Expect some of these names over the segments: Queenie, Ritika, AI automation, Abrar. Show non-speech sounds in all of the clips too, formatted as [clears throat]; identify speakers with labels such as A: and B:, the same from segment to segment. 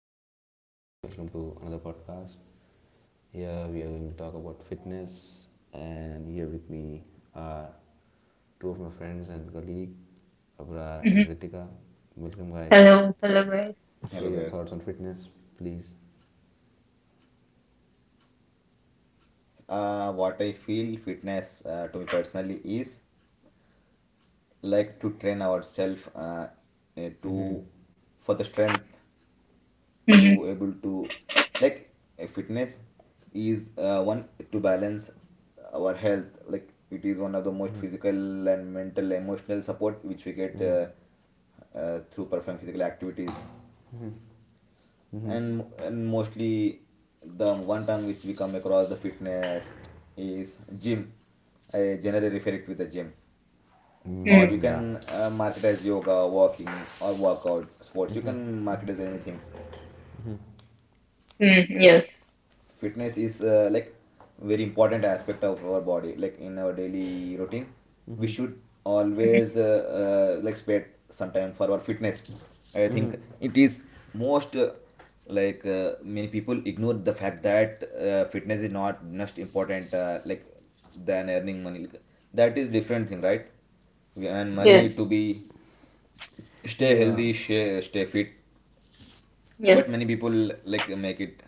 A: Welcome to another podcast. Here we are going to talk about fitness, and here with me are two of my friends and colleague, Abrar
B: Mhm.
A: and Ritika. Welcome, guys.
B: Hello, hello, guys.
A: Share
C: Hello
A: your
C: guys.
A: thoughts on fitness, please.
C: What I feel fitness to me personally is like to train ourselves
A: Mm-hmm.
C: to for the strength to
B: Mhm.
C: able to like fitness is one to balance our health, like it is one of the most physical and mental emotional support which we get
A: Mm-hmm.
C: through performing physical activities.
A: Mm-hmm. Mm-hmm.
C: And mostly the one term which we come across the fitness is gym. I generally refer it with the gym, or
B: Mm.
A: Mm,
C: you
A: yeah.
C: can market as yoga, walking or workout sports, you can market as anything.
B: Hmm. Yes.
C: Fitness is like very important aspect of our body, like in our daily routine we should
B: Mhm.
C: always like spend some time for our fitness. I think
A: Mm-hmm.
C: it is most many people ignore the fact that fitness is not just important like than earning money. Like, that is different thing, right? We earn money
B: Yes.
C: to be stay
A: Yeah.
C: healthy, stay fit, but
B: Yes.
C: many people like make it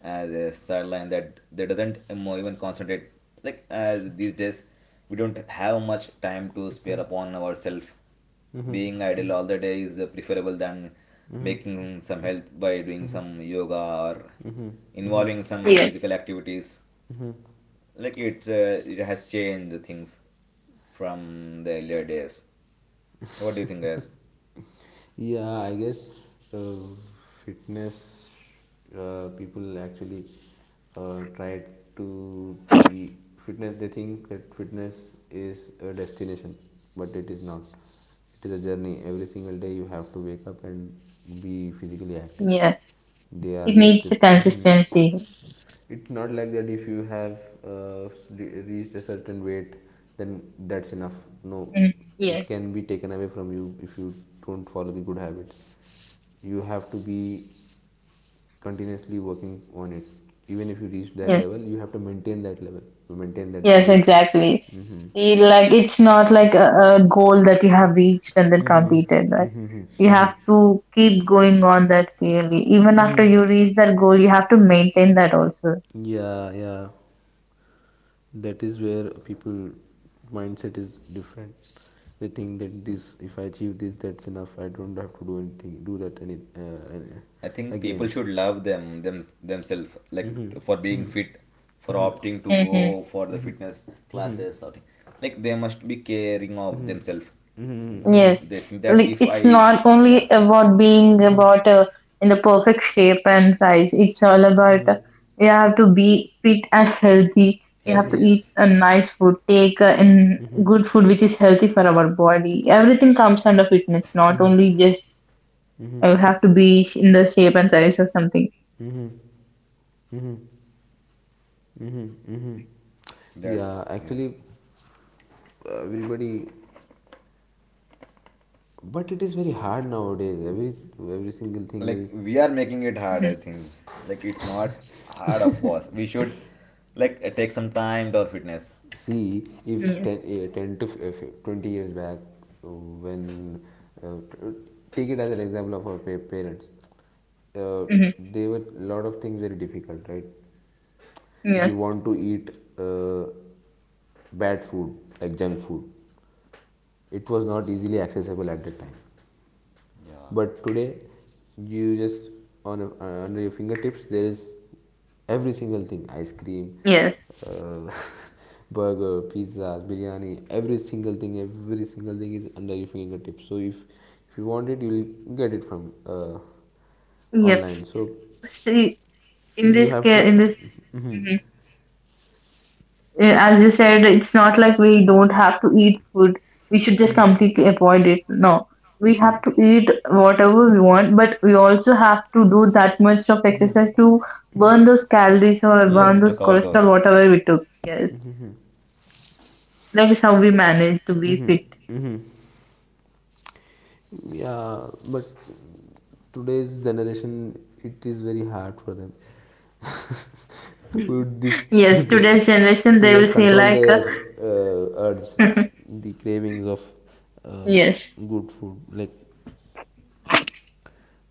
C: as a sideline that they doesn't even concentrate, like as these days we don't have much time to spare
A: Mm-hmm.
C: upon ourselves. Being
A: Mm-hmm.
C: idle all the day is preferable than
A: Mm-hmm.
C: making some health by doing some yoga or involving some
B: Yes.
C: physical activities. Like it it has changed things from the earlier days. What do you think, guys?
A: Yeah, I guess uh, fitness, people actually try to keep fitness. They think that fitness is a destination, but it is not. It is a journey. Every single day you have to wake up and be physically active.
B: Yes.
A: They are
B: It
A: just.
B: needs
A: The
B: a consistency.
A: it's not like that. If you have reached a certain weight, then that's enough. No,
B: Mm.
A: it
B: Yes.
A: can be taken away from you if you don't follow the good habits. You have to be continuously working on it. Even if you reach that
B: Yes.
A: level, you have to maintain that level, maintain that
B: Yes.
A: weight.
B: Exactly.
A: Hmm.
B: Like it's not like a goal that you have reached and then completed. Right? You have to keep going on that really. Even after you reach that goal, you have to maintain that also.
A: Yeah, yeah. That is where people mindset is different. They think that this, if I achieve this, that's enough. I don't have to do anything, do that
C: I think people
A: again.
C: should love them themselves like
A: Hmm.
C: for being
A: Hmm.
C: fit, for
A: Hmm.
C: opting to go for the
A: Hmm.
C: fitness
A: Hmm. Hmm.
C: classes or thing. Like they must be caring of
A: Hmm.
C: themselves.
A: Hmm.
B: Yes,
C: They think that
B: like
C: if
B: it's
C: I,
B: not
C: yeah,
B: only about being about in the perfect shape and size. It's all about you have to be fit and healthy. You have
C: healthy,
B: to eat
C: yes,
B: a nice food, take in good food which is healthy for our body. Everything comes under fitness, not only just have to be in the shape and size or something.
A: Hmm. Hmm. Hmm.
C: that's
A: Yeah,
C: yeah,
A: actually, everybody, but it is very hard nowadays, every single thing
C: like
A: is,
C: we are making it hard,
B: Mhm.
C: I think. Like it's not hard, of course we should like take some time to our fitness.
A: [laughs] see, if 10,
B: Yes.
A: eh, 10 to 20 years back, when uh, t- take it as an example of our parents, uh,
B: Hmm.
A: they were lot of things very difficult, right? If
B: Yes.
A: you want to eat uh, bad food like junk food, it was not easily accessible at the time.
C: Yeah,
A: But today, you just under your fingertips there is every single thing. Ice cream,
B: Yes.
A: uh, [laughs] burger, pizzas, biryani, every single thing, every single thing is under your fingertips. So if you want it, you'll get it from
B: Yep.
A: online, so
B: See, in
A: you
B: this
A: have to...
B: case, in this.
A: Mhm.
B: Mm-hmm. As you said, it's not like we don't have to eat food. We should just completely avoid it. No, we have to eat whatever we want, but we also have to do that much of exercise to burn those calories or burn those
C: cover those.
B: cholesterol, whatever we took. Yes, that is how we manage to be fit.
A: Yeah, but today's generation, it is very hard for them [laughs] to dis to
B: Yes,
A: just
B: today's generation,
A: to
B: they
A: just
B: will say
A: control
B: like,
A: their urge,
B: [laughs]
A: the cravings of uh,
B: yes,
A: good food like.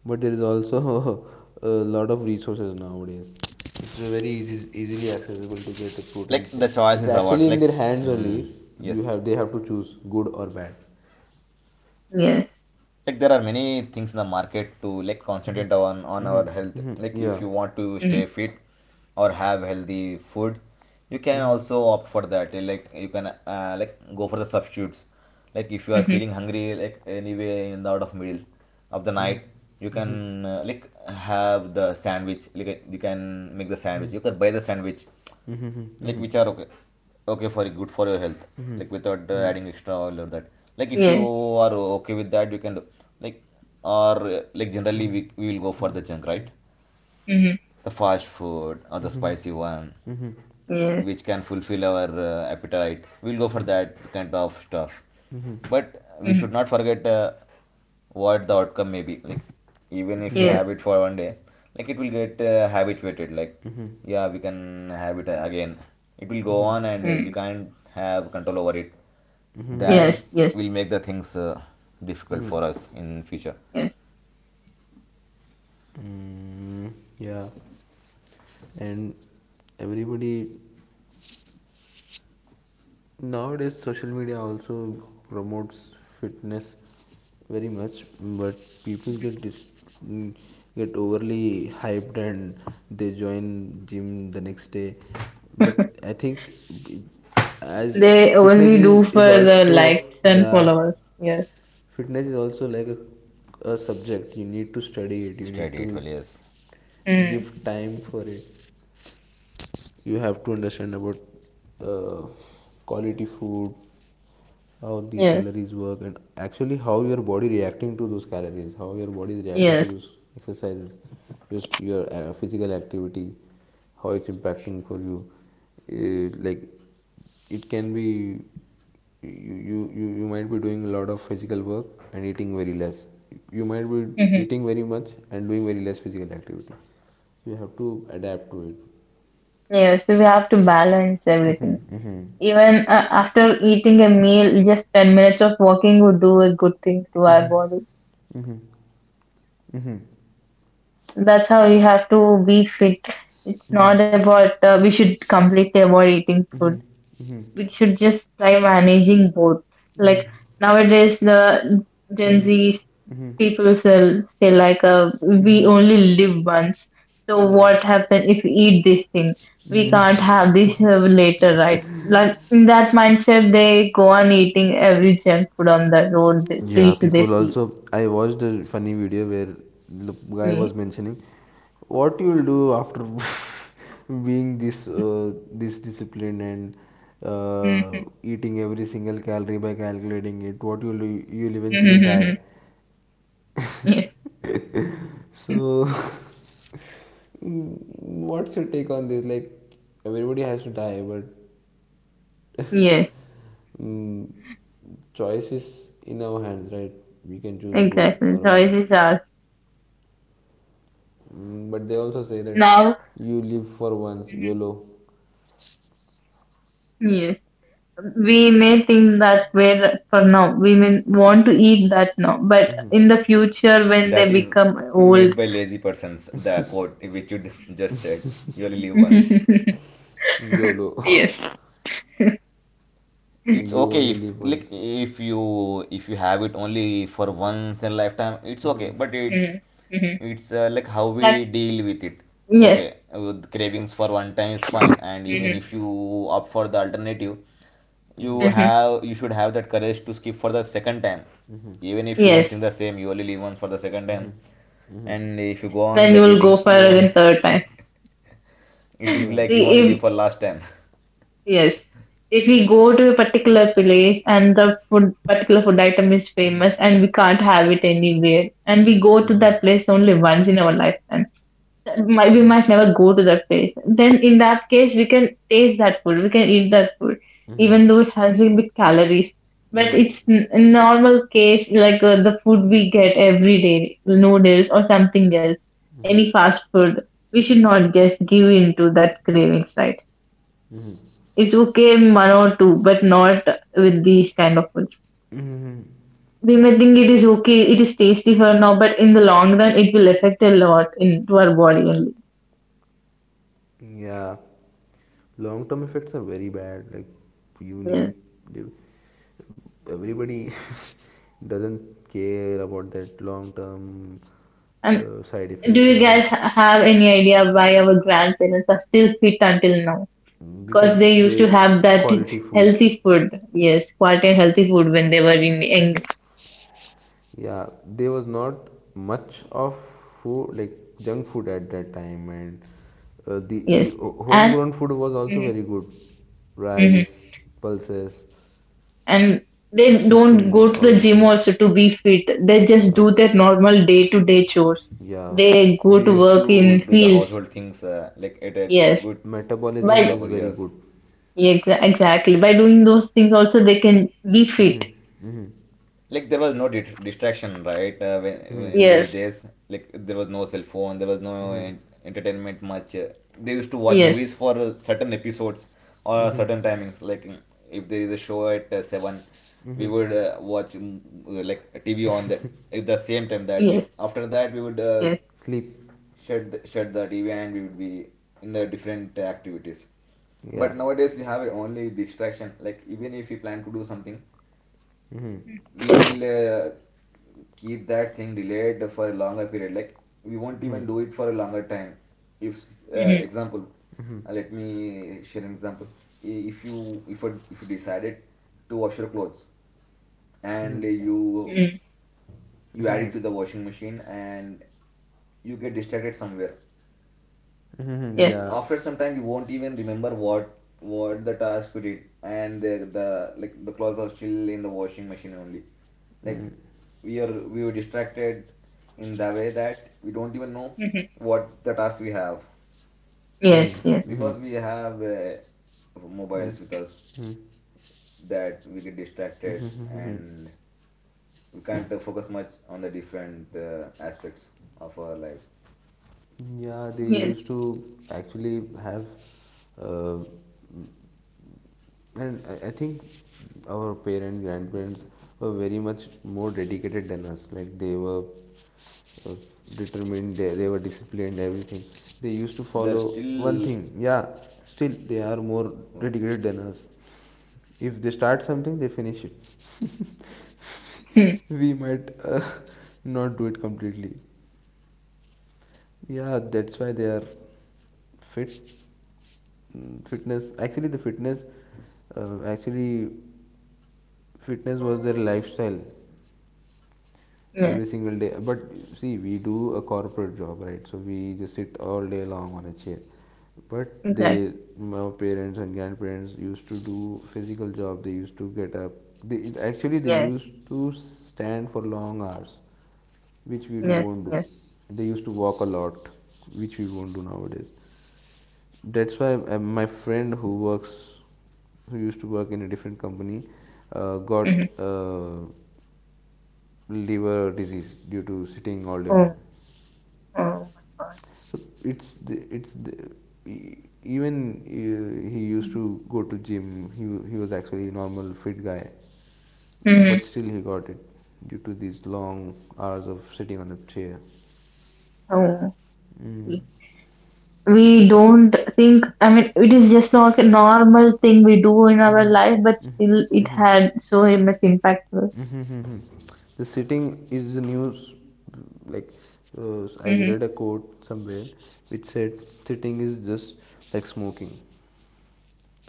A: But there is also [laughs] a lot of resources nowadays. It's a very easy, easily accessible to get a protein
C: Like the
A: shake.
C: choice
A: It's
C: is ours.
A: actually in
C: Like,
A: their hands
C: mm,
A: only. You
C: yes.
A: have They have to choose good or bad.
B: yes,
C: Like there are many things in the market to like concentrate on
A: Mm-hmm.
C: our health,
A: Mm-hmm.
C: like if
A: Yeah.
C: you want to
B: mm,
C: stay fit or have healthy food, you can
A: Mm-hmm.
C: also opt for that. Like you can like go for the substitutes. Like if you are
B: mhm,
C: feeling hungry, like anyway in the out of middle of the
A: Mm-hmm.
C: night, you can like have the sandwich, like you can make the sandwich, you can buy the sandwich
A: Mm-hmm.
C: like
A: Mm-hmm.
C: which are okay, okay for good for your health,
A: Mm-hmm.
C: like without adding extra oil or that. Like if you
B: yes,
C: are okay with that you can do. Like, or like generally we will go for the junk, right?
B: mhm,
C: The fast food or the spicy one
B: yes,
C: which can fulfill our appetite, we'll go for that kind of stuff.
A: Mm-hmm.
C: But we
B: mhm,
C: should not forget what the outcome may be. Like, even
A: Mm-hmm.
C: if we
A: Mm-hmm.
C: have
B: yes,
C: it for one day, like it will get habituated. Like,
A: Mm-hmm.
C: yeah, we can have it again, it will
A: Mm-hmm.
C: go
A: Mm-hmm. Mm-hmm.
C: on and we
B: mm,
C: can't have control over it.
A: Mm-hmm. Mm-hmm. Mm-hmm.
C: That
A: Mm-hmm.
B: yes, yes,
C: will make the things
A: Mm-hmm.
C: difficult
A: Mm-hmm.
C: for
A: Mm-hmm.
C: us in future.
B: yes.
A: Mm-hmm. Mm-hmm. Yeah, and everybody nowadays, social media also promotes fitness very much. But people get mm, get overly hyped, and they join gym the next day. But I think, it- as
B: They
A: fitness
B: only
A: is,
B: do for
A: is
B: the
A: also,
B: likes and
A: yeah,
B: followers. Yes.
A: fitness is also like a subject. You need to study it. You need
C: Steady
A: to
C: it well, yes.
B: Mm.
A: give time for it. You have to understand about uh, quality food, how the
B: Yes.
A: calories work, and actually how your body reacting to those calories, how your body is reacting to
B: Yes.
A: those exercises, your physical activity, how it's impacting for you. Like, it can be, you might be doing a lot of physical work and eating very less. You might be
B: Mhm.
A: eating very much and doing very less physical activity. You have to adapt to it.
B: Yes. So we have to balance everything.
A: Mm-hmm, mm-hmm.
B: Even after eating a meal, just 10 minutes of walking would do a good thing to our body. That's how we have to be fit. It's not about we should completely avoid eating food. We should just try managing both. Like nowadays, the Gen Z people say like, we only live once. So
A: Yeah.
B: what happen if we eat this thing? We can't have this later, right? Like in that mindset, they go on eating every junk food on the road, the
A: Yeah,
B: streets they
A: people
B: see.
A: also. I watched a funny video where the guy
B: Yeah.
A: was mentioning what you will do after [laughs] being this disciplined and eating every single calorie by calculating it. What you'll do, you'll eventually
B: Mm-hmm.
A: die.
B: [laughs]
A: So, [laughs] what's your take on this? Like, everybody has to die, but
B: Yes,
A: [laughs] Mm, choice is in our hands, right? We can choose good
B: exactly.
A: or bad.
B: Choices are
A: Mm, but they also say that
B: now.
A: you live for once,
B: Mhm.
A: YOLO.
B: Yes. We may think that we're for now. We may want to eat that now, but in the future, when
C: That
B: they
C: is
B: become old,
C: made by lazy persons, the quote which you just said, you only live once.
B: [laughs]
A: YOLO.
B: yes.
A: [laughs]
C: It's
A: You
C: okay
A: only
C: if,
A: live
C: like,
A: once.
C: if you, if you have it only for once in a lifetime, it's
A: Hmm.
C: okay, but it's
B: Mhm. Mhm.
C: it's uh, like how
B: That-
C: we deal with it.
B: yes.
C: Okay with cravings for one time is fine, and even
B: Mhm.
A: Hmm.
C: if you opt for the alternative, you
B: Mhm.
C: have you should have that courage to skip for the second time. Even if you think
B: Yes,
C: the same, you only live once, for the second time,
A: Hmm.
C: and if you go on
B: then
C: like
B: you will
C: eating,
B: go for
C: you won't
B: again third
C: [laughs] it
B: time.
C: will be
A: Yeah.
C: like you
B: See,
C: only live
B: If
C: for last time. [laughs]
B: yes, if we go to a particular place and the food particular food item is famous and we can't have it anywhere, and we go to that
A: Hmm.
B: place only once in our lifetime. Might we might never go to that place. Then in that case, we can taste that food. We can eat that food,
A: Hmm.
B: even though it has a bit calories. But
A: Hmm.
B: it's in normal case like the food we get every day, noodles or something else, any fast food. We should not just give in to that cravings, right?
A: Hmm.
B: It's okay in one or two, but not with these kind of foods.
A: Hmm.
B: We may think it is okay, it is tasty for now, but in the long run, it will affect a lot into our body only.
A: Yeah. Long term effects are very bad, like, you
B: Yeah.
A: need, everybody [laughs] doesn't care about that long term,
B: And
A: side
B: do
A: effects
B: you
A: and long
B: guys
A: term.
B: have any idea why our grandparents are still fit until now?
A: Because
B: Because they
A: they
B: used to have that
A: quality food.
B: healthy food, yes, quality and healthy food when they were in young,
A: Yeah, there was not much of food like junk food at that time, and uh, the the
B: yes,
A: ho-
B: and
A: homegrown food was also
B: mhm,
A: very good,
B: mhm.
A: rice, pulses,
B: And they don't
A: chicken,
B: go to
A: all
B: the
A: these
B: gym
A: things.
B: also to be fit. They just
A: Yeah,
B: do their normal day to day chores.
A: yeah,
B: They go
C: They
B: to
C: used
B: work
C: to
B: in
C: do the
B: fields,
C: household things, like at a
B: yes,
C: good
A: metabolism
B: but
A: is
C: purpose.
A: very
C: Yes,
A: good.
B: exactly by doing those things also they can be
A: Hmm.
B: fit.
A: Hmm.
C: like there was no distraction, right? When,
A: Hmm.
C: in those
B: Yes,
C: days, like there was no cell phone, there was no
A: Hmm.
C: entertainment much. They used to watch movies
B: yes,
C: for certain episodes or
A: Hmm.
C: certain timings. Like, mm, if there is a show at seven, we would watch, mm, like TV on that at the same time. That's it.
B: yes,
C: After that, we would
B: yes.
A: Sleep.
C: shut the TV and we would be in the different activities.
A: Yeah.
C: But nowadays we have only distraction. Like, even if we plan to do something,
A: Hmm.
C: we
A: Hmm.
C: will keep that thing delayed for a longer period. Like we won't
A: Hmm.
C: even do it for a longer time. If uh,
B: Mhm.
C: example, let me share an example. If you, if you decided to wash your clothes and you add it to the washing machine and you get distracted somewhere,
A: Hmm.
B: Yeah.
A: Yeah.
C: after some time you won't even remember what the task we did, and the like the clothes are still in the washing machine only. Like
A: Mm-hmm.
C: we are, we were distracted in the way that we don't even know
B: Hmm.
C: what the task we have,
B: Yes. Yes.
A: Mm-hmm. Mm-hmm.
C: because we have mobiles with us, that we get distracted and we can't focus much on the different aspects of our lives.
A: Yeah, they
B: Yes.
A: used to actually have, uh, and I think our parents, grandparents were very much more dedicated than us. Like, they were uh, determined, they were disciplined, everything. They used to
C: There's
A: follow one
C: still,
A: thing. Yeah, still they are more dedicated than us. If they start something, they finish it. [laughs]
B: Hmm.
A: We might [laughs] not do it completely. Yeah, that's why they are fit. Mm, fitness, actually, uh, actually, fitness was their lifestyle
B: Yes.
A: every single day. But see, we do a corporate job, right? So we just sit all day long on a chair. But
B: Exactly.
A: they my parents and grandparents used to do physical job. They used to get up. Actually, they
B: Yes.
A: used to stand for long hours, which we
B: Yes.
A: won't do.
B: Yes.
A: They used to walk a lot, which we won't do nowadays. That's why, my friend who works who used to work in a different company got
B: Hmm.
A: liver disease due to sitting all day long.
B: Oh. Oh my God.
A: So, it's the, e- even he used to go to gym. He was actually a normal fit guy,
B: Mm-hmm.
A: but still he got it due to these long hours of sitting on a chair.
B: Oh.
A: Mm.
B: We we don't think. I mean, it is just like a normal thing we do in our life, but still, it had so much impact.
A: [laughs] The sitting is the news. Like, I
B: Mm-hmm.
A: read a quote somewhere which said sitting is just like smoking,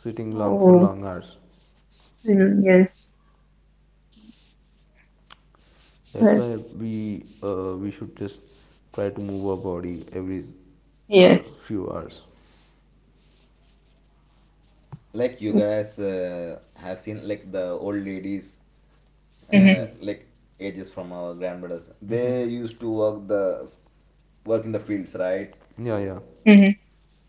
A: sitting long for
B: Oh.
A: long hours.
B: Mm. Yes.
A: That's
B: Yes.
A: why we should just try to move our body every few hours.
C: like, you
B: Yes.
C: guys have seen like the old ladies,
B: Mm-hmm.
A: Mm-hmm.
C: like ages from our grandmothers,
A: Mm-hmm.
C: they used to work in the fields, right?
A: Yeah, yeah.
B: Mm-hmm.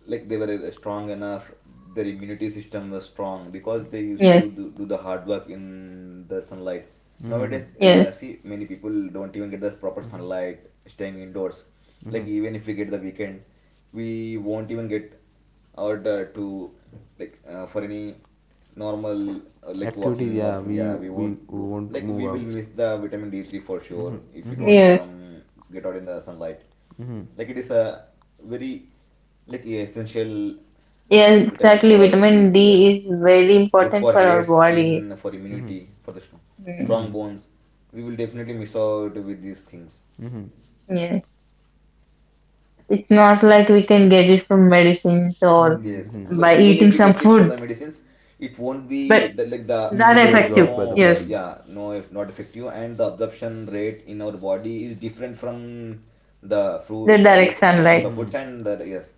C: Like they were strong enough, their immunity system was strong because they used
B: Yes.
C: to do the hard work in the sunlight.
A: Mm-hmm.
C: Nowadays
B: Yes.
C: see, many people don't even get the proper sunlight, staying indoors.
A: Mm-hmm.
C: Like, even if we get the weekend, we won't even get out to like for any normal like
A: Activities.
C: walking or
A: Yeah,
C: thing. Yeah, we won't
A: we
C: do,
A: won't
C: like
A: move
C: we will
A: out.
C: miss the vitamin D3 for sure
A: Mhm,
C: if we
A: mhm,
C: don't
B: Yes.
C: come get out in the sunlight.
A: mhm,
C: Like it is a very like essential
B: Yes.
C: vitamin
B: Exactly.
C: for us,
B: Vitamin
C: D3,
B: D is very
C: good for
B: important for
C: hair,
B: our body.
C: skin, for
A: mhm,
C: immunity, for the strong,
B: Mm.
C: strong
A: mhm,
C: bones. We will definitely miss out with these things.
A: mhm.
B: Yes. It's not like we can get it from medicines or
C: Yes,
A: Hmm.
C: but
B: by
C: even
B: eating
C: if we
B: some
C: get it from the
B: food,
C: medicines, it won't be
B: but
C: that, like the
B: that
A: Easily
C: there is
A: absorbed
B: effective.
A: by the
C: no,
B: Yes,
A: body.
C: yeah, no, if not effective, and the absorption rate in our body is different from the
B: the
C: fruit,
B: direct
C: like the from the
B: sunlight.
A: Mhm,
C: foods and the, yes,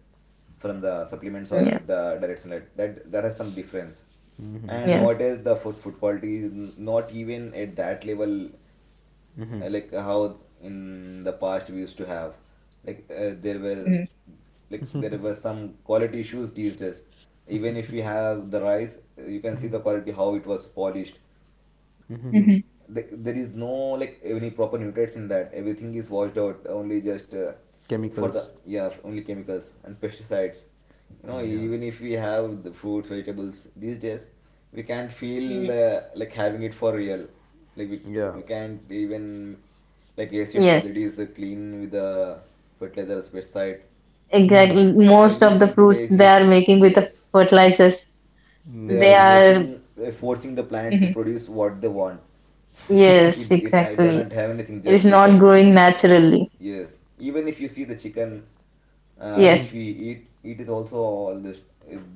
C: from the supplements or
B: Yes,
C: with the direct sunlight, that that has some difference. And
A: mhm,
B: yes.
C: nowadays the food quality is not even at that level,
A: mhm,
C: like how in the past we used to have. Like, there were,
B: Mm-hmm.
C: like there were some quality issues these days. Even if we have the rice, you can see the quality, how it was polished.
A: mhm.
B: Mm-hmm.
C: There is no like any proper nutrients in that, everything is washed out, only just for the,
A: Chemicals.
C: yeah, only chemicals and pesticides. You know,
A: Yeah.
C: even if we have the fruits, vegetables these days, we can't
B: Mm-hmm.
C: feel like having it for real. Like
A: Yeah.
C: we can't even like, yes, it
B: Yes,
C: whether it is clean with the fertilizer, pesticide,
A: Mhm.
B: exactly. Most of the
C: everything today
B: fruits they
C: is,
B: are making with the
C: yes,
B: fertilizers,
C: they
B: they
C: are
A: Mm.
B: are.
C: making, they're forcing the planet to
B: Mhm.
C: produce what they want.
B: Yes,
C: It, it
B: exactly.
C: doesn't have anything.
B: It is
C: Just
B: not
C: the,
B: growing naturally.
C: yes. Even if you see the chicken, which
A: Mhm,
B: Yes,
C: we eat, it is also all this.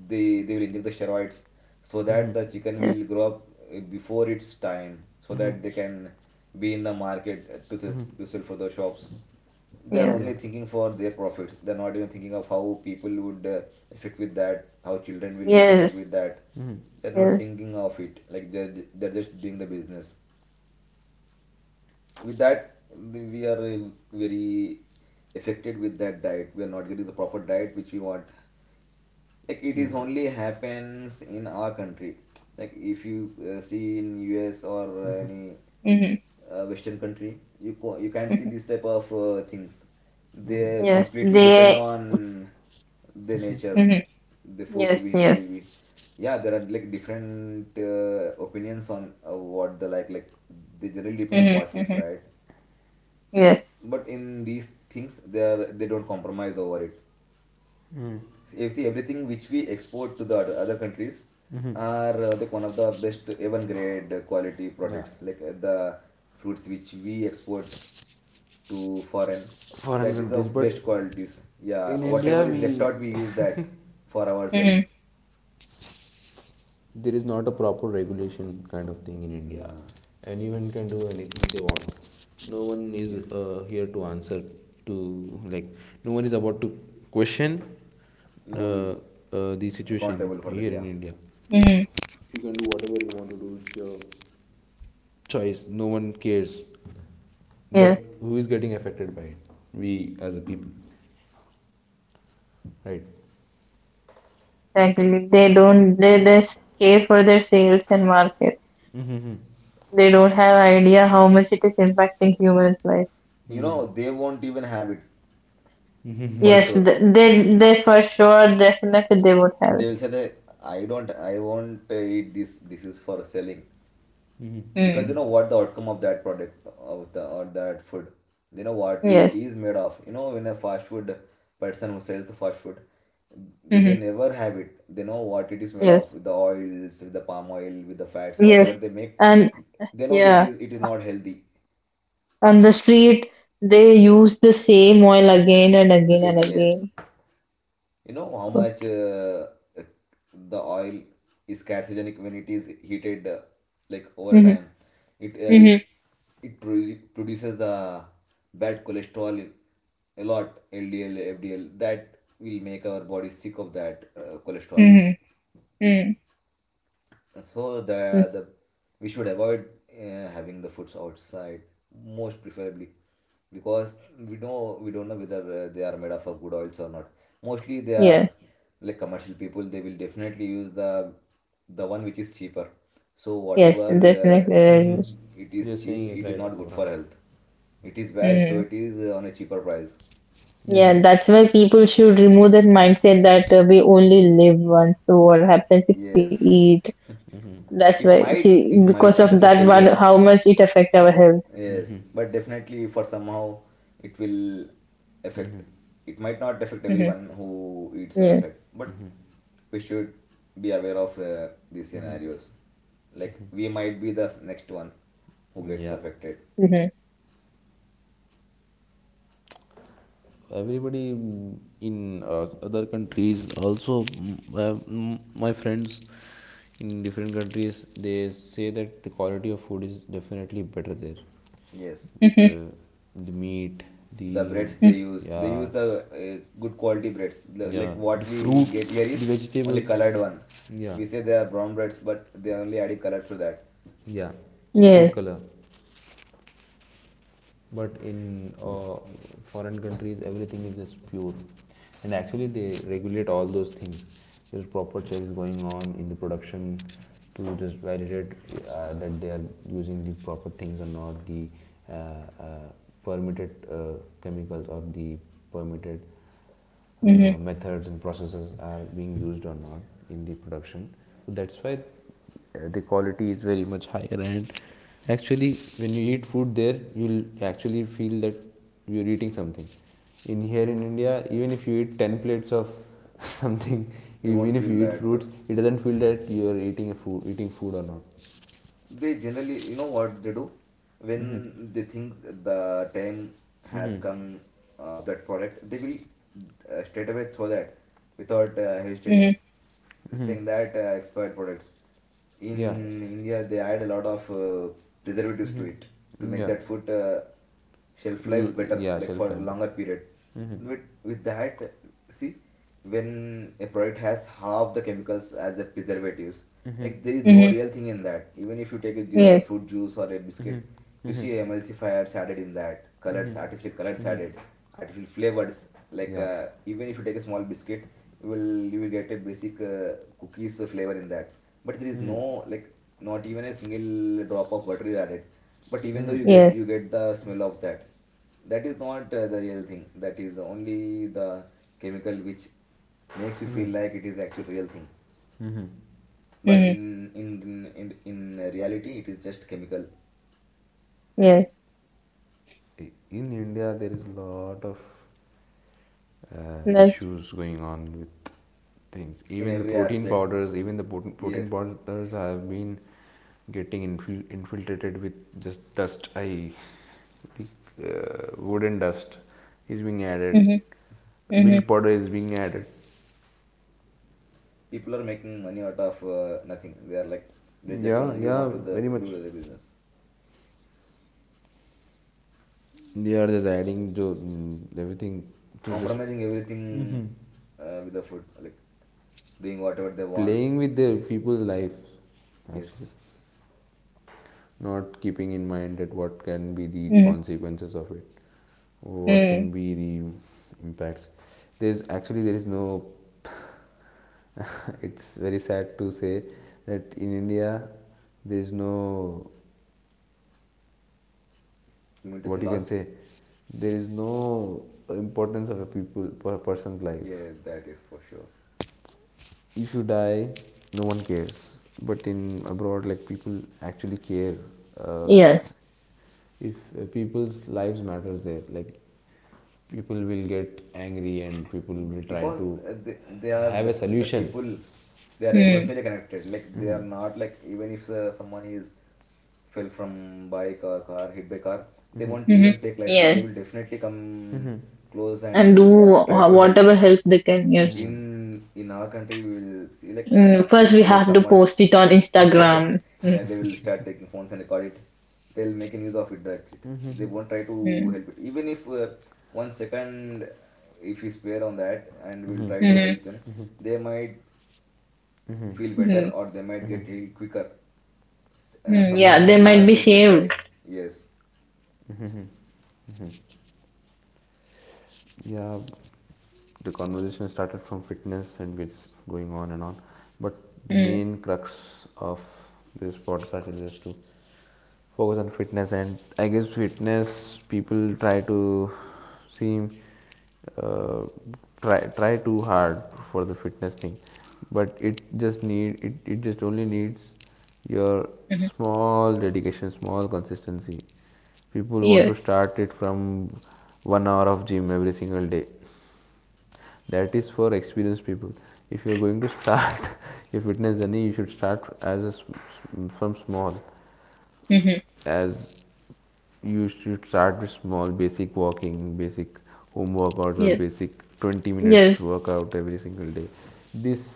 C: They will inject the steroids so
A: mhm,
C: that the chicken
B: yes,
C: will grow up before its time, so
A: mhm.
C: that they can be in the market to
A: Hmm.
C: to sell for the shops. They are
B: yes,
A: Yeah.
C: only thinking for their profits. They are not even thinking of how people would affect with that, how children will get affected
B: yes,
C: with that.
A: Hmm.
C: They're not
B: yes.
C: thinking of it. Like they're just doing the business with that. We are very affected with that diet. We are not getting the proper diet which we want, like it is
A: Yeah.
C: only happens in our country. Like if you see in US or
A: Hmm.
C: any
B: Mm-hmm.
C: western country, you can't see
B: Mm-hmm.
C: these type of things.
A: Hmm.
C: They
B: Yes,
C: completely depend
B: they.
C: on the nature,
B: Mhm.
C: the food
B: Yes,
C: which
B: yes.
C: they... yeah, there are like different opinions on what they like they generally depend on fast
B: Mm-hmm.
C: foods,
B: Mm-hmm.
C: right?
B: Yes.
C: But in these things, they don't compromise over it. If see, everything which we export to the other countries are like one of the best, even grade quality
A: Yeah.
C: products, like the fruits which we export to foreign,
A: Foreign
C: that is
A: countries,
C: of
A: but
C: best qualities. Yeah,
A: in india,
C: whatever is
A: we
C: left out we use that for ourselves.
A: there is not a proper regulation kind of thing in india.
C: Yeah,
A: Anyone can do anything they want. No one is
C: yes,
A: here to answer to, like, no one is about to question
C: no one is
A: the
C: accountable
A: situation
C: for that,
A: here
C: yeah.
A: in india.
B: Mm,
A: You can do whatever you want to do. It's your choice, no one cares. But
B: yes,
A: who is getting affected by it? We, as a people, right?
B: exactly. They don't, they just care for their sales and market. They don't have idea how much it is impacting humans' life.
C: You know, they won't even have it, for
B: Yes,
C: sure.
B: they for sure, definitely they would have
C: They
B: it.
C: will say that I won't eat this. This is for selling, because
B: Mm,
C: you know what the outcome of that product of the or that food. They know what it
B: yes.
C: is made of. You know, when a fast food person who sells the fast food, they
B: Mm-hmm.
C: never have it. They know what it is made of,
B: Yes.
C: with the oils, with the palm oil, with the fats, whatever
B: Yes.
C: they make.
B: And
C: They know that it
B: yeah,
C: is, it is not healthy.
B: on the street, they use the same oil again and again
C: Again,
B: and
C: yes.
B: again.
C: You know how much uh, the oil is carcinogenic when it is heated, like over
B: Mm-hmm.
C: time. It uh, it,
B: Mm-hmm.
C: it produces the bad cholesterol, a lot, LDL, FDL, that will make our body sick of that cholesterol.
B: Mm-hmm. Mm.
C: So the we should avoid having the foods outside, most preferably, because we don't know whether they are made of good oils or not. Mostly they are
B: Yes.
C: like commercial people. They will definitely use the one which is cheaper. So
B: Yes,
C: whatever
B: definitely they use.
C: it
A: Mm-hmm.
C: is
A: You're
C: cheap,
A: saying it
C: it is
A: right,
C: not good
A: Abraham.
C: for health. It is bad, so
B: Mm.
C: it is on a cheaper price.
B: Yeah, that's why people should remove that mindset that we only live once. So what happens if we eat?
C: Yes,
B: That's why
C: it
B: she
C: might
B: because
C: it
B: of
C: might
B: that
C: not
B: one,
C: affect
B: how
C: everyone.
B: much it affect our health.
C: Yes, but definitely for somehow it will affect. It might not affect
B: Mm-hmm.
C: everyone who eats
B: Yes.
C: outside, but we should be aware of these scenarios. Like we might be the next one who gets
A: Yeah,
C: affected.
B: Mm-hmm.
A: everybody, in other countries also. My friends in different countries, they say that the quality of food is definitely better there.
C: Yes,
B: Mm-hmm.
A: Uh, the meat,
C: the
A: the
C: breads they use,
A: yeah,
C: the good quality breads. Like
A: yeah, the
C: what we
A: fruits,
C: get here
A: the
C: is only
A: vegetables.
C: colored one.
A: Yeah,
C: We say they are brown breads, but they are only adding color to that.
A: yeah,
B: Yes.
A: food color. But in foreign countries, everything is just pure, and actually they regulate all those things. There's proper checks going on in the production to just validate that they are using the proper things or not, the uh, uh, permitted chemicals, or the permitted
B: Mm-hmm.
A: methods and processes are being used or not in the production. So that's why, the quality is very much higher, and actually when you eat food there, you'll actually feel that you're eating something. In here in india, even if you eat 10 plates of [laughs] something,
C: We won't
A: even if
C: feel
A: you eat
C: that way.
A: fruits, it doesn't feel that you're eating a food, eating food or not.
C: They generally, you know what they do?
A: Mm-hmm.
C: When they think the time has
A: Mm-hmm.
C: come of that product, they will straight away throw that without hesitating,
B: Mm-hmm.
C: saying
A: Mm-hmm.
C: that expired products.
A: Yeah,
C: In India, they add a lot of preservatives to it to make
A: yeah.
C: that food shelf life better,
A: Yeah,
C: like for
A: shelf life, but...
C: longer period.
A: Mm-hmm.
C: With that, see, when a product has half the chemicals as a preservatives,
A: Mm-hmm.
C: like there is no
B: Mm-hmm.
C: real thing in that. Even if you take a
B: Yes.
C: fruit juice or a
A: Mm-hmm.
C: biscuit, you see
A: Mm-hmm.
C: emulsifiers added in that, colors, artificial colors added, artificial flavors. Like
A: Yeah.
C: even if you take a small biscuit, you will get a basic cookies flavor in that, but there is
A: Mm-hmm.
C: no, like, not even a single drop of butter is added, but even though you get
B: Yes.
C: the smell of that. That is not the real thing. That is only the chemical which makes you
A: Mm-hmm.
C: feel like it is actual real thing. But
B: Mm-hmm.
C: in in reality it is just chemical,
B: Yes.
A: In india there is a lot of
B: That's.
A: issues going on with things.
C: in
A: Even the
C: every
A: protein
C: aspect.
A: powders, even the protein
C: Yes,
A: powders have been getting infiltrated with just dust. I think wooden dust is being added.
B: Mm-hmm. Mm-hmm.
A: Milk powder is being added.
C: people are making money out of nothing. They are like they just
A: Yeah,
C: only
A: yeah,
C: want to
A: very
C: do
A: much.
C: the business,
A: They are just adding to everything, to just
C: compromising everything with the food, like doing whatever they want.
A: playing with
C: Ye-
A: the people's life.
C: yes.
A: Actually, not keeping in mind that what can be the
B: Mm-hmm.
A: consequences of it, what
B: Mm.
A: can be the impacts. There is no [laughs] [laughs] It's very sad to say that in India there is no,
C: You mean to say
A: what you can
C: loss.
A: say, there is no importance of a people for a person's life.
C: Yes, that is for sure.
A: If you die, no one cares. But in abroad, like, people actually care. Uh,
B: Yes.
A: if people's lives matters there, like, people will get angry and people will try
C: Because
A: to
C: they are
A: have a
C: the
A: solution.
C: people, they are
A: It-
B: Mm.
C: emotionally connected. Like they are not like even if someone is fell from bike or car, hit by car, they won't
B: Mm-hmm.
C: even take lightly. They
B: Yes.
C: will definitely come close and
B: And do
C: will try to help.
B: whatever help they can. Yes.
C: In our country we will see, like
B: Mm, first, we
C: let
B: have to
C: someone
B: post it on Instagram.
C: [laughs]
B: Mm.
C: yeah, they will start taking phones and record it. They'll make a news of it, that's it. They won't try to
B: Mm.
C: help it. Even if one second, if we spare on that and we'll try to
B: Mm-hmm.
C: help them, they might feel better
B: Mm-hmm.
C: or they might get healed quicker.
B: Mm,
C: Someone
B: yeah,
C: might
B: they might
C: not
B: be
C: get
B: saved.
C: die. Yes,
A: yeah, the conversation started from fitness and gets going on and on. But the
B: Mm.
A: main crux of this podcast is just to focus on fitness, and I guess, fitness, people try to seem, uh, try too hard for the fitness thing. But it just it just only needs your
B: Hmm.
A: small dedication, small consistency. People want to
B: Yes.
A: start it from 1 hour of gym every single day. That is for experienced people. If you are going to start [laughs] your fitness journey, you should start as a, s- s- from small.
B: Hmm.
A: As you should start with small basic walking, basic home workouts, or
B: Yes.
A: basic 20 minutes
B: Yes.
A: workout every single day. This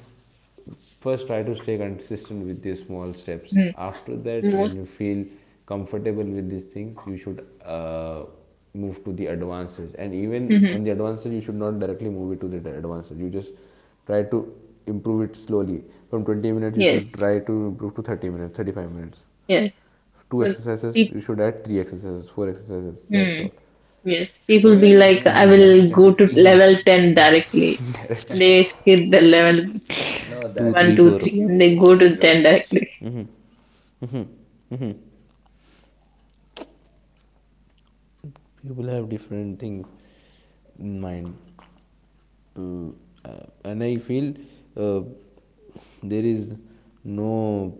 A: First, try to stay consistent with these small steps.
B: Hmm.
A: After that, when
B: Most.
A: you feel comfortable with these things, you should move to the advanced stage. And even
B: Hmm.
A: on the advanced stage, you should not directly move it to the advanced stage. You just try to improve it slowly. From 20 minutes, you
B: Yes.
A: should try to improve to 30 minutes, 35 minutes.
B: Yes.
A: Two
B: Well,
A: exercises,
B: pe-
A: you should add three exercises, four exercises, that's
B: mm,
A: all.
B: yes. People
C: even
B: be
C: in this
B: like, I
C: thing
B: will
C: consistency
B: go
C: is
B: to
C: key.
B: level 10 directly. They skip the level
C: No,
A: Two,
C: that
B: one,
A: three,
C: will
B: 2,
A: four.
B: 3,
C: make
B: and they
C: you
B: go
C: get
B: to 10
C: injured.
B: directly.
A: People have different things in mind. uh, and I feel uh, there is no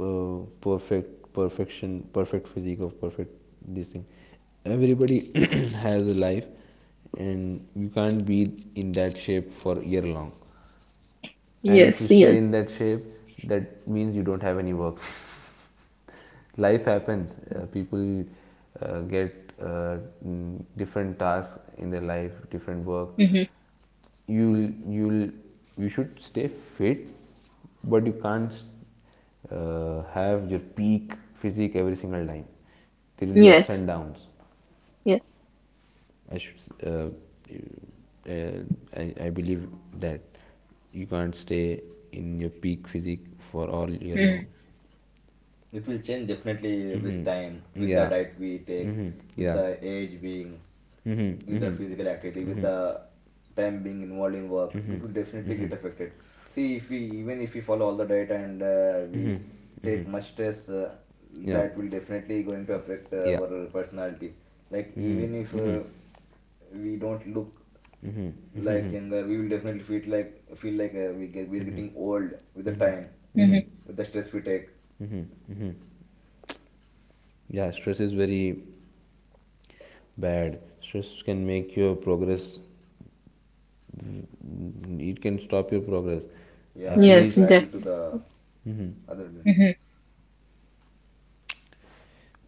A: perfect perfection, perfect physique of perfect this thing. Everybody [coughs] [clears throat] has a life, and you can't be in that shape for year long. And if you
B: Yes.
A: stay
B: Yes.
A: in that shape, that means you don't have any work. [laughs] Life happens. People get different tasks in their life, different work.
B: Hmm.
A: you'll you'll you should stay fit, but you can't have your peak physique every single time. There will be ups
B: Yes.
A: and downs.
B: Yes.
A: I should uh, uh, I, I believe that you can't stay in your peak physique for all year
B: Hmm.
A: long.
C: It will change definitely with
A: Hmm.
C: time, with the
A: Yeah.
C: diet we take,
A: Hmm.
C: with
A: Yeah.
C: the age being,
A: Hmm.
C: with the
A: Hmm.
C: physical activity, with the time being involved in work. It will definitely get affected. See, if we even if we follow all the diet and we take much stress,
A: Yeah.
C: that will definitely going to affect
A: Yeah.
C: our personality. Like
A: Hmm.
C: even if
A: Hmm.
C: we don't look
A: Hmm.
C: like
A: Hmm.
C: younger, we will definitely feel like we're getting old with the
A: Hmm.
C: time,
A: Hmm.
B: Hmm.
C: with the stress we take.
A: Hmm. Yeah, stress is very bad, stress can make your progress, it can stop your progress
C: Yeah, it
A: actually.
C: will
B: Yes.
C: drag you to the
A: mm
C: other than.
B: Hmm.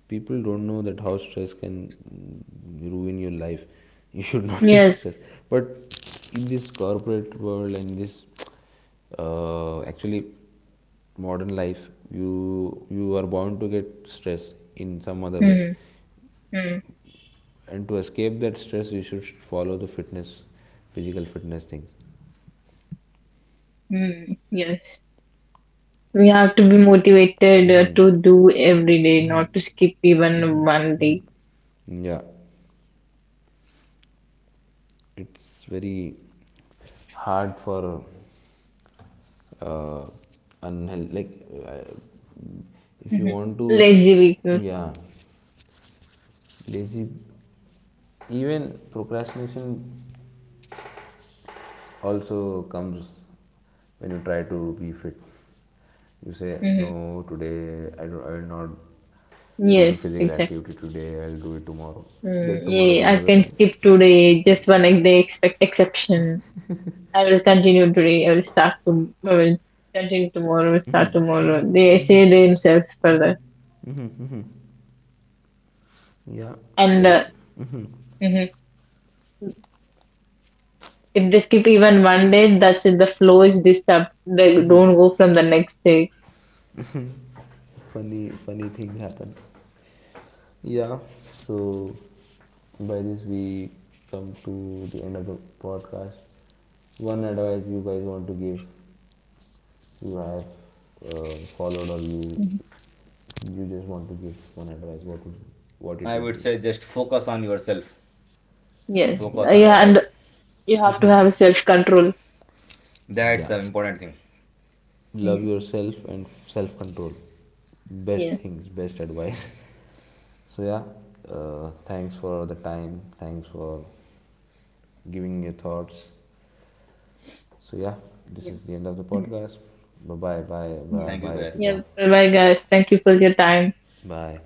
A: People don't know that how stress can ruin your life. [laughs] You should not [laughs] take
B: Yes.
A: stress. But in this corporate world and this actually modern life, you are bound to get stress in some other way.
B: Mm-hmm.
A: And to escape that stress, you should follow the fitness, physical fitness things.
B: Hmm. Yes. We have to be motivated to do every day, not to skip even one day.
A: Yeah, it's very hard for uh, unhealthy, like, uh, if you
B: hmm
A: want to,
B: Lazy week.
A: yeah, lazy, even procrastination also comes when you try to be fit. You say,
B: Mm-hmm.
A: no, today I will not do the
B: Yes,
A: physical
B: exactly.
A: activity today, I'll do it tomorrow.
B: Mm,
A: That tomorrow
B: yeah,
A: will
B: I
A: never
B: can
A: come.
B: skip today, just one day expect exception. I will continue today. I will start to. I will continue tomorrow. Start tomorrow. They say themselves further,
A: Yeah,
B: and
A: never.
B: hmm if they skip even one day, that's it. The flow is disturbed. They don't go from the next day.
A: Funny, funny things happen. Yeah. So, by this, we come to the end of the podcast. One advice you guys want to give, you have followed, or
B: Mhm.
A: you just want to give one advice. What it
C: I
A: would
C: would
A: be?
C: say just focus on yourself,
B: Yes,
C: focus on your
B: yeah,
C: health.
B: and you have to have self control.
C: That's
A: Yeah,
C: the important thing.
A: love
B: Mhm.
A: yourself and self control. Best
B: Yes.
A: things, best advice. [laughs] So yeah, thanks for the time. Thanks for giving your thoughts. So yeah, this
B: Yeah.
A: is the end of the
B: Yeah.
A: podcast. Bye, bye, bye,
B: Yeah.
A: Abrar,
C: Thank you
A: bye,
C: guys.
B: Yeah.
A: Ritika.
B: Bye bye, guys. Thank you for your time.
A: Bye.